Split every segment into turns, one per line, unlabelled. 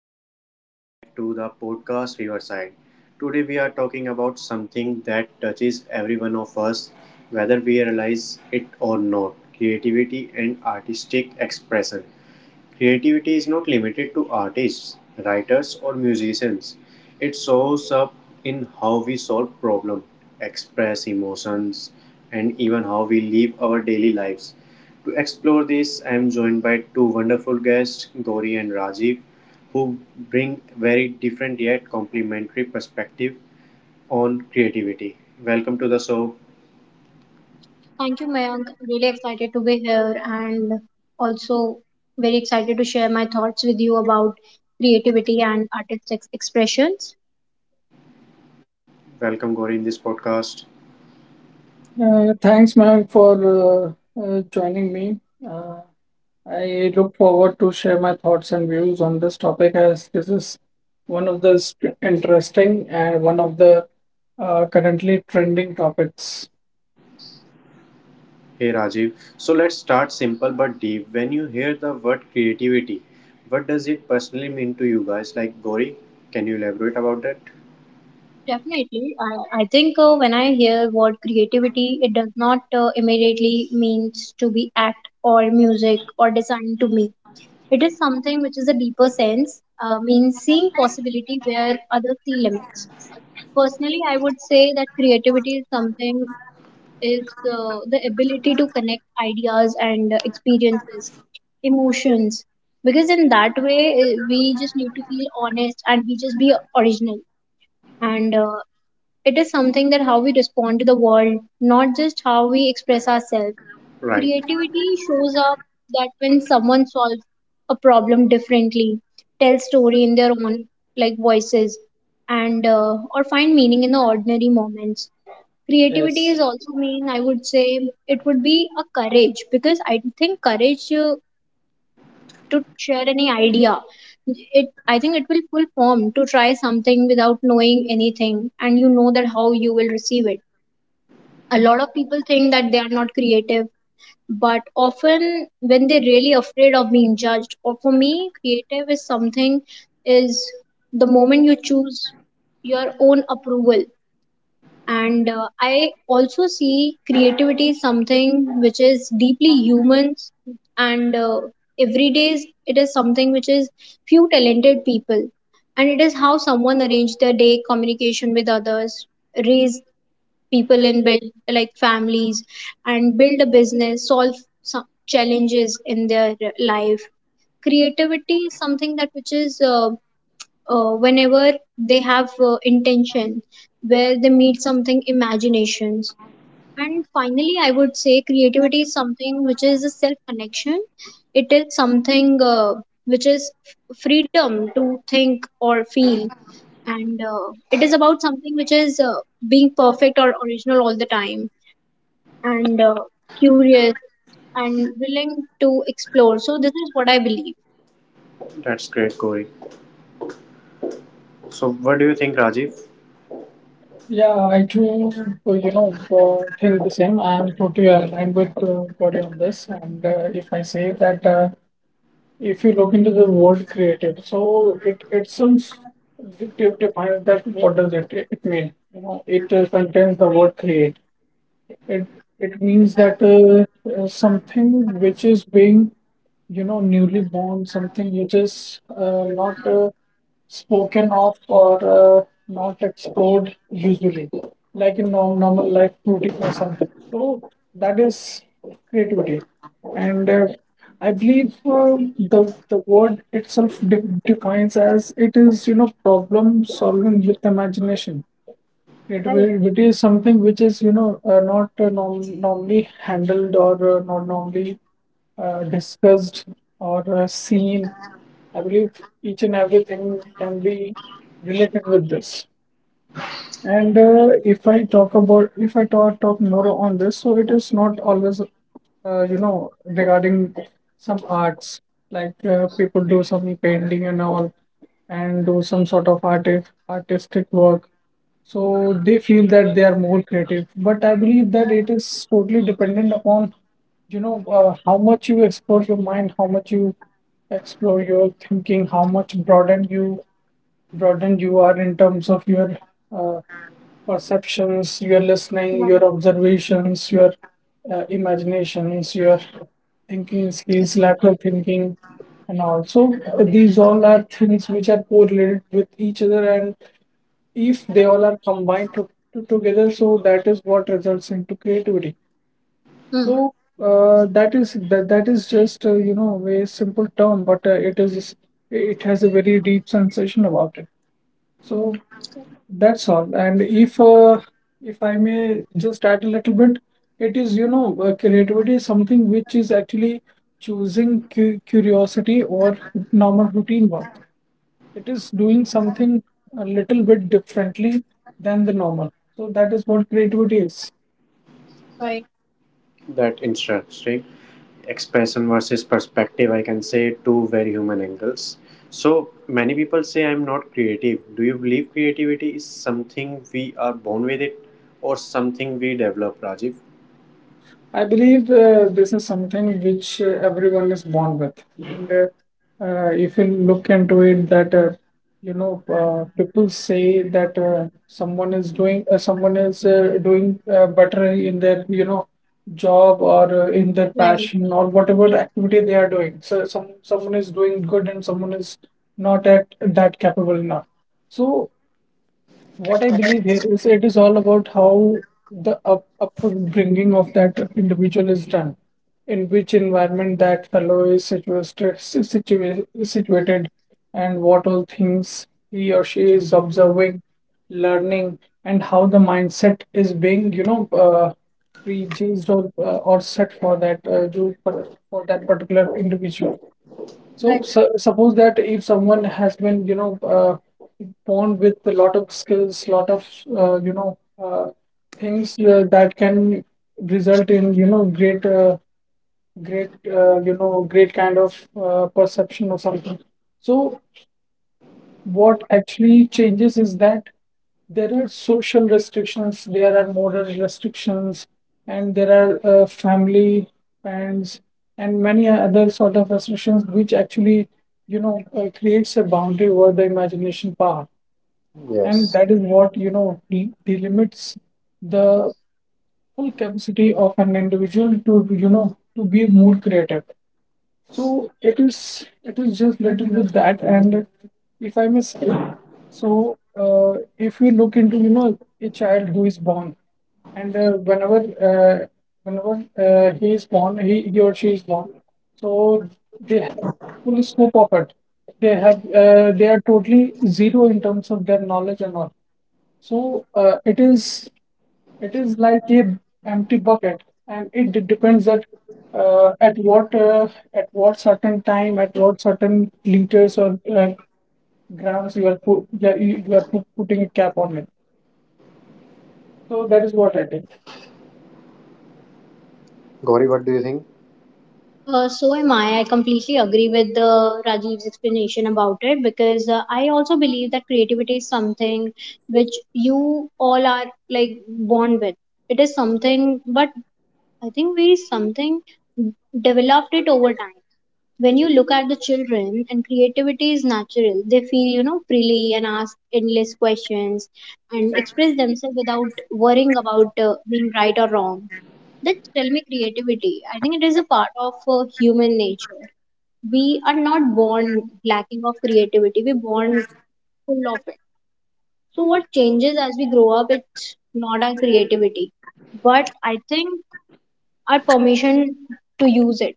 and welcome back to the podcast Riverside. Today, we are talking about something that touches every one of us, whether we realize it or not, creativity and artistic expression. Creativity is not limited to artists, writers, or musicians. It shows up in how we solve problems, express emotions, and even how we live our daily lives. To explore this, I am joined by two wonderful guests, Gauri and Rajiv, who bring very different yet complementary perspective on creativity. Welcome to the show.
Thank you, Mayank. Really excited to be here and also very excited to share my thoughts with you about creativity and artistic expressions.
Welcome, Gauri, in this podcast.
Thanks, ma'am, for joining me. Uh, I look forward to share my thoughts and views on this topic as this is one of the interesting and one of the currently trending topics.
Hey Rajiv, so let's start simple but deep. When you hear the word creativity, what does it personally mean to you guys? Like Gauri, can you elaborate about that?
Definitely. I think when I hear word creativity, it does not immediately means to be act or music or design to me. It is something which is a deeper sense, means seeing possibility where others see limits. Personally, I would say that creativity is something is the ability to connect ideas and experiences, emotions. Because in that way, we just need to feel honest and we just be original. And It is something that how we respond to the world, not just how we express ourselves.
Right,
Creativity shows up that when someone solves a problem differently, tells story in their own like voices, and or find meaning in the ordinary moments. Creativity
Yes.
is also mean, I would say it would be a courage, because I think courage to share any idea, it, I think it will full form to try something without knowing anything and you know that how you will receive it. A lot of people think that they are not creative, but often when they're really afraid of being judged. Or for me, creative is something, is the moment you choose your own approval. And I also see creativity is something which is deeply human, and every it is something which is few talented people, and it is how someone arrange their day, communication with others, raise people in, build like families, and build a business, solve some challenges in their life. Creativity is something that which is whenever they have intention, where they meet something imaginations. And finally I would say creativity is something which is a self connection. It is something, which is freedom to think or feel, and it is about something which is being perfect or original all the time, and curious and willing to explore. So this is what I believe.
that's great, Gauri. So, what do you think, Rajiv?
Yeah, I too, think the same. I am totally aligned with Gauri on this. And if I say that If you look into the word creative, so it seems define that what does it mean? You know, it contains the word create. It it means that something which is being you know newly born, something which is not
Right.
spoken of or not explored usually, like in normal life routine or something. So that is creativity, and I believe the word itself defines as it is you know problem solving with imagination.
Right.
Creativity is something which is you know not norm- normally handled or not normally discussed or seen. I believe each and everything can be related with this. And if I talk about, if I talk more on this, so it is not always, regarding some arts, like people do some painting and all, and do some sort of artistic work. So they feel that they are more creative. But I believe that it is totally dependent upon, how much you explore your mind, how much you explore your thinking, how much broadened you are in terms of your uh, perceptions, your listening,
Right.
your observations, your imaginations, your thinking skills, lateral thinking, and also these all are things which are correlated with each other. And if they all are combined together, so that is what results into creativity.
Hmm.
So that is just a simple term, but it is it has a very deep sensation about it. So that's all. And if I may just add a little bit, it is, creativity is something which is actually choosing cu curiosity or normal routine work. It is doing something a little bit differently than the normal. So that is what creativity is.
Right.
That interesting expression versus perspective, I can say two very human angles. So, many people say I'm not creative. Do you believe creativity is something we are born with it or something we develop, Rajiv?
I believe this is something which everyone is born with, and if you look into it, that people say that someone is doing better in their you know job or in their passion or whatever activity they are doing. So someone is doing good and someone is not at that capable enough. So what I believe here is it is all about how the up upbringing of that individual is done, in which environment that fellow is situated, and what all things he or she is observing, learning, and how the mindset is being, prejudged or set for that for that particular individual. So,
Right.
su suppose that if someone has been, born with a lot of skills, lot of, uh, you know, uh, things that can result in, you know, great kind of perception or something. So, what actually changes is that there are social restrictions, there are moral restrictions, and there are family, friends, and many other sort of restrictions which actually, creates a boundary over the imagination power, and
Yes.
that is what you know delimits the full capacity of an individual to you know to be more creative. So it is just little with that. And if I may say, so if we look into you know a child who is born and whenever whenever he is born, he or she is born, so they have full scope of it. They have they are totally zero in terms of their knowledge and all. So it is like a empty bucket, and it depends that uh, at what uh, at what certain time, at what certain liters or grams you are put, yeah, you are putting a cap on it. So that is what I it is.
Gauri, what do you think?
So am I. I completely agree with Rajiv's explanation about it, because I also believe that creativity is something which you all are like born with. It is something, but I think we something developed it over time. When you look at the children and creativity is natural, they feel you know freely and ask endless questions and express themselves without worrying about being right or wrong. That tell me creativity. I think it is a part of human nature. We are not born lacking of creativity. We're born full of it. So what changes as we grow up? It's not our creativity, but I think our permission to use it.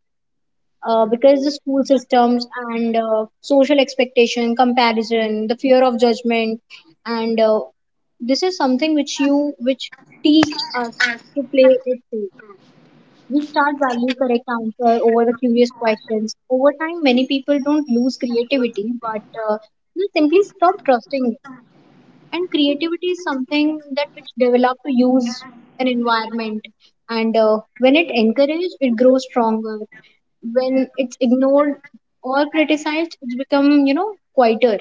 Because the school systems and social expectation, comparison, the fear of judgment, and this is something which you which teach us to play it too. We start value correct answer over the curious questions. Over time, many people don't lose creativity, but uh, they simply stop trusting it. And creativity is something that which develop to use an environment. And when it encouraged, it grows stronger. When it's ignored or criticized, it's become you know quieter.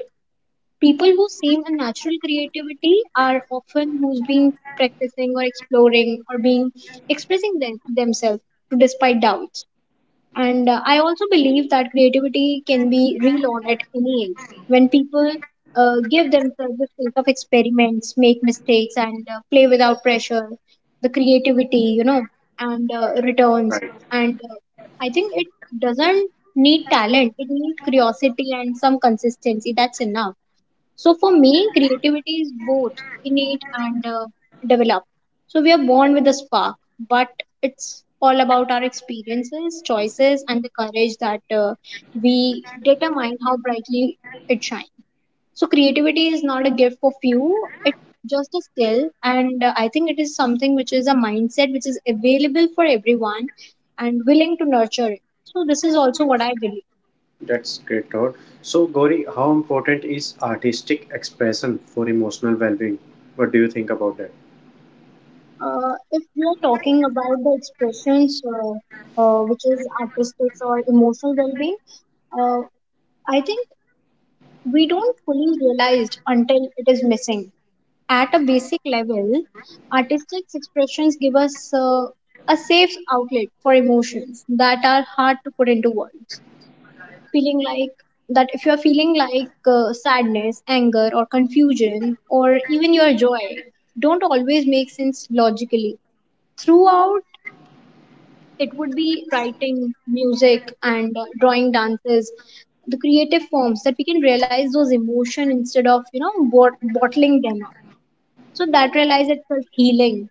People who seem a natural creativity are often who's been practicing or exploring or being expressing themselves despite doubts. And I also believe that creativity can be relearned at any age. When people give themselves the space of experiments, make mistakes, and play without pressure, the creativity, you know, and returns.
Right.
And I think it doesn't need talent, it needs curiosity and some consistency. That's enough. So for me, creativity is both innate and developed. So we are born with a spark, but it's all about our experiences, choices, and the courage that we determine how brightly it shines. So creativity is not a gift for few; it's just a skill, and I think it is something which is a mindset which is available for everyone and willing to nurture it. So this is also what I believe.
That's great thought. So, Gauri, how important is artistic expression for emotional well-being? What do you think about that?
If we are talking about the expressions, which is artistic or emotional well-being, uh, I think we don't fully realize until it is missing. At a basic level, artistic expressions give us a safe outlet for emotions that are hard to put into words. Feeling like that if you are feeling like sadness, anger, or confusion, or even your joy, don't always make sense logically. Throughout, it would be writing, music, and drawing dances, the creative forms that we can realize those emotion instead of you know bottling them up. So that realize itself healing,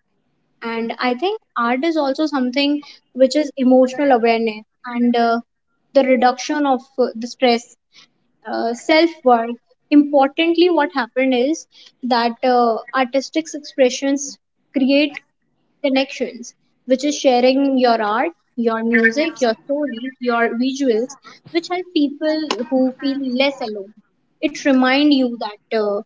and I think art is also something which is emotional awareness and the reduction of the stress, self work. Importantly, what happened is that artistic expressions create connections, which is sharing your art, your music, your stories, your visuals, which help people who feel less alone. It reminds you that uh,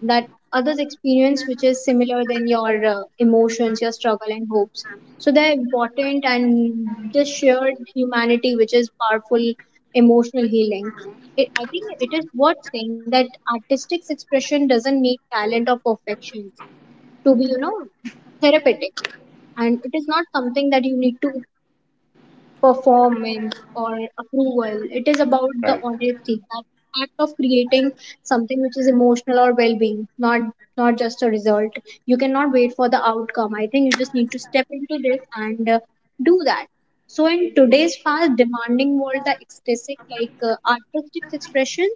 that others' experience, which is similar than your emotions, your struggle and hopes. So they're important and this shared humanity, which is powerful emotional healing. It, I think it is worth saying that artistic expression doesn't need talent or perfection to be, you know, therapeutic, and it is not something that you need to perform in or approval. It is about the
Right.
honesty that act of creating something which is emotional or well-being, not not just a result. You cannot wait for the outcome. I think you just need to step into this, and do that. So in today's fast demanding world, the ecstatic like artistic expression,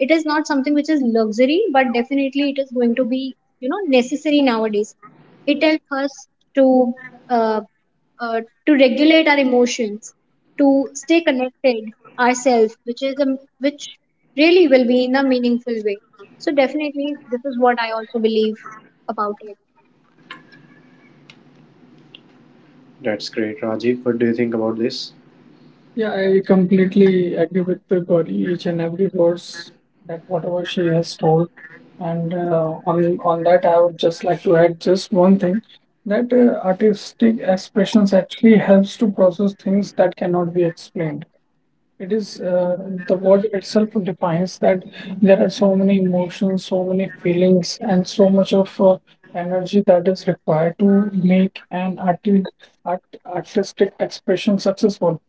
it is not something which is luxury, but definitely it is going to be you know necessary nowadays. It helps us to uh, uh, to regulate our emotions, to stay connected ourselves, which is a, which really will be in a meaningful way. So definitely, this is what I also believe about it.
That's great, Rajiv. What do you think about this?
Yeah, I completely agree with the Gauri, each and every words that whatever she has told. And on that, I would just like to add just one thing that artistic expressions actually helps to process things that cannot be explained. It is the word itself defines that there are so many emotions, so many feelings, and so much of energy that is required to make artistic expression successful.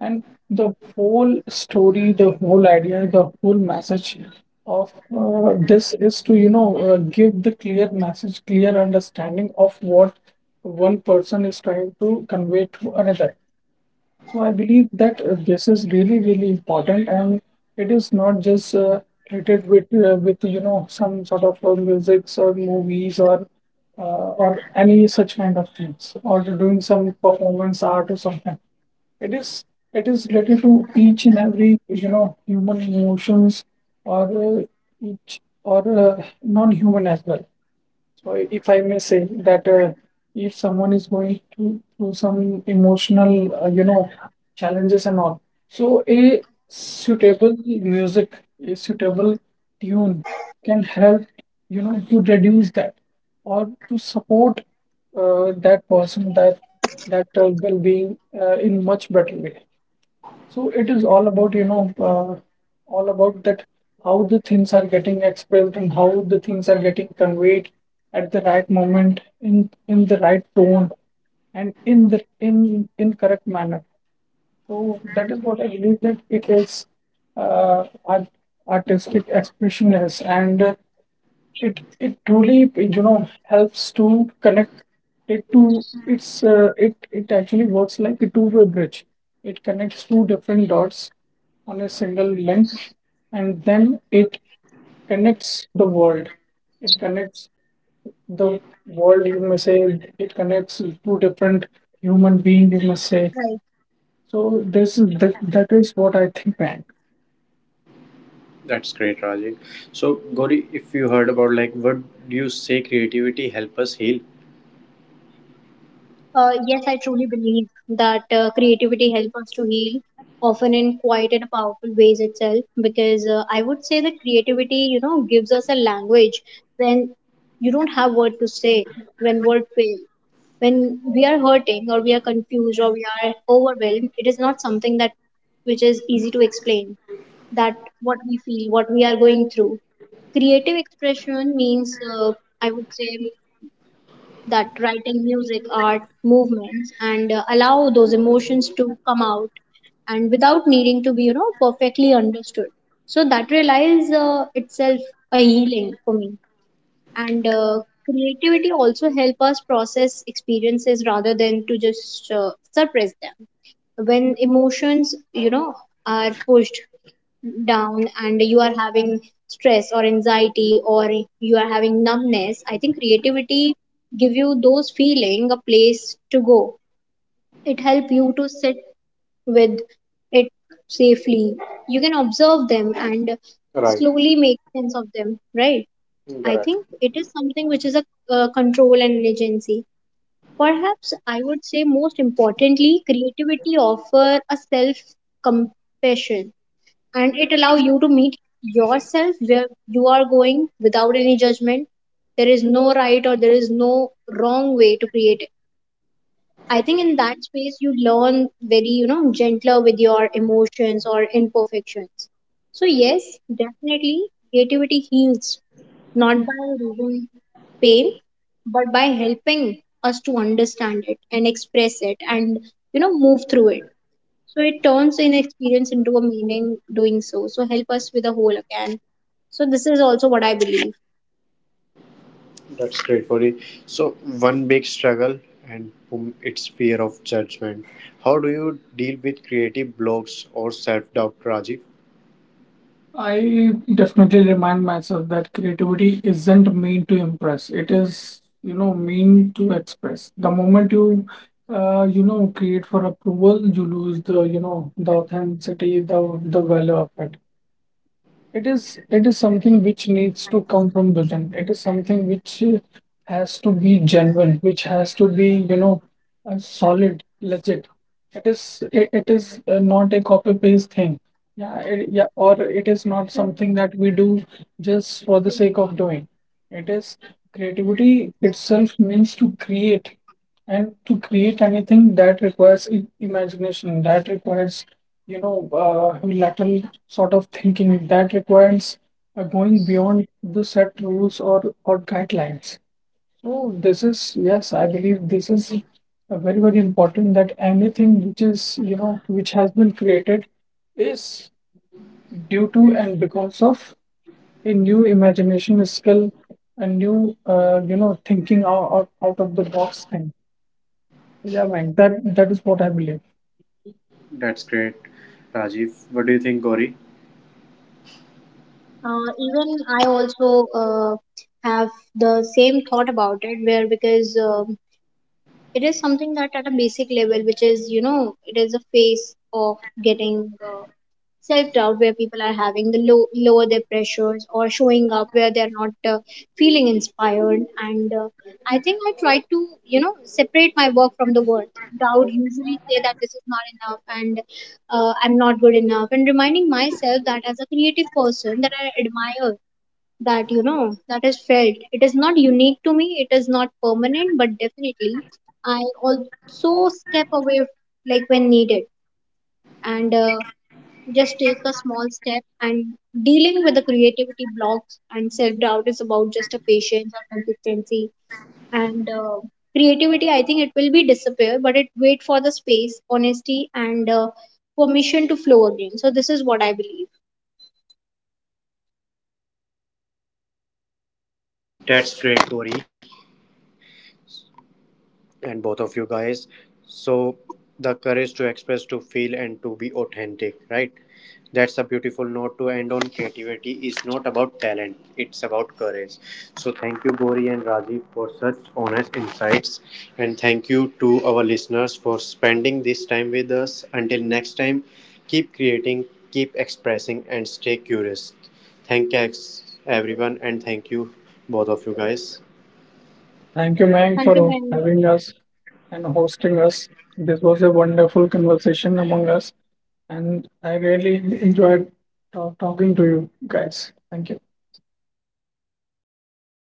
And the whole story, the whole idea, the whole message of this is to, give the clear message, clear understanding of what one person is trying to convey to another. So I believe that this is really, really important, and it is not just related with you know some sort of musics or movies or any such kind of things, or to doing some performance art or something. It is it is related to each and every you know human emotions or each or non-human as well. So if I may say that if someone is going to through some emotional, challenges and all, so a suitable music, a suitable tune can help, you know, to reduce that or to support that that well-being in much better way. So it is all about, all about that how the things are getting expressed and how the things are getting conveyed at the right moment in the right tone and in the in correct manner. So that is what I believe that it is uh, art, artistic expression is and. It it truly you know helps to connect it it actually works like a two-way bridge. It connects two different dots on a single link, and then it connects the world. It connects the world, you may say. It connects two different human beings, you must say.
Right.
So that is what I think, man.
That's great, Rajiv. So, Gauri, if you heard about like, what do you say creativity help us heal?
Yes, I truly believe that creativity helps us to heal, often in quite and powerful ways itself. Because I would say that creativity, you know, gives us a language when you don't have word to say, when word fails. When we are hurting or we are confused or we are overwhelmed, it is not something that which is easy to explain. That what we feel, what we are going through. Creative expression means, I would say, that writing music, art, movements, and allow those emotions to come out and without needing to be, you know, perfectly understood. So that relies itself a healing for me. And Creativity also help us process experiences rather than to just suppress them. When emotions, you know, are pushed down and you are having stress or anxiety or you are having numbness, I think creativity give you those feeling a place to go. It help you to sit with it safely. You can observe them and
Right.
slowly make sense of them, right? I
Correct.
think it is something which is a control and agency. Perhaps I would say most importantly creativity offer a self compassion, and it allow you to meet yourself where you are going without any judgment. There is no right or there is no wrong way to create it. I think in that space you learn very you know gentler with your emotions or imperfections. So yes, definitely, creativity heals, not by removing pain, but by helping us to understand it and express it and you know move through it. So it turns inexperience into a meaning doing so. So help us with the whole again. So this is also what I believe.
That's great, Gauri. So, one big struggle and boom, it's fear of judgment. How do you deal with creative blocks or self-doubt, Rajiv?
I definitely remind myself that creativity isn't meant to impress. It is, you know, mean to express. The moment you, create for approval, you lose the, you know, the authenticity, the value of it. It is it is something which needs to come from within. It is something which has to be genuine, which has to be you know a solid, legit. It is not a copy paste thing. Yeah, yeah, or it is not something that we do just for the sake of doing. It is creativity itself means to create, and to create anything that requires imagination, that requires lateral sort of thinking, that requires going beyond the set rules or guidelines. So this is, yes, I believe this is very, very important, that anything which is, you know, which has been created is due to and because of a new imagination skill, a new, thinking out of the box thing. Yeah, man, that is what I believe.
That's great, Rajiv. What do you think, Gauri?
Even I also have the same thought about it, where because it is something that at a basic level, which is you know, it is a phase of getting self doubt, where people are having the lower their pressures or showing up where they're not feeling inspired, and I think I try to you know separate my work from the worth doubt, usually say that this is not enough and I'm not good enough and reminding myself that as a creative person that I admire, that you know that is felt, it is not unique to me, it is not permanent. But definitely I also step away like when needed, and just take a small step. And dealing with the creativity blocks and self doubt is about just a patience and consistency, and creativity I think it will be disappear, but it wait for the space honesty and permission to flow again. So this is what I believe.
That's great, Gauri, and both of you guys. So, the courage to express, to feel, and to be authentic, right? That's a beautiful note to end on. Creativity is not about talent, it's about courage. So, thank you, Gori and Rajiv, for such honest insights. And thank you to our listeners for spending this time with us. Until next time, keep creating, keep expressing, and stay curious. Thank you, everyone, and thank you, both of you guys.
Thank you, Mang,
Thank you,
for
ma'am.
having us and hosting us. This was a wonderful conversation among us, and I really enjoyed talking to you guys. Thank you.
Thank you.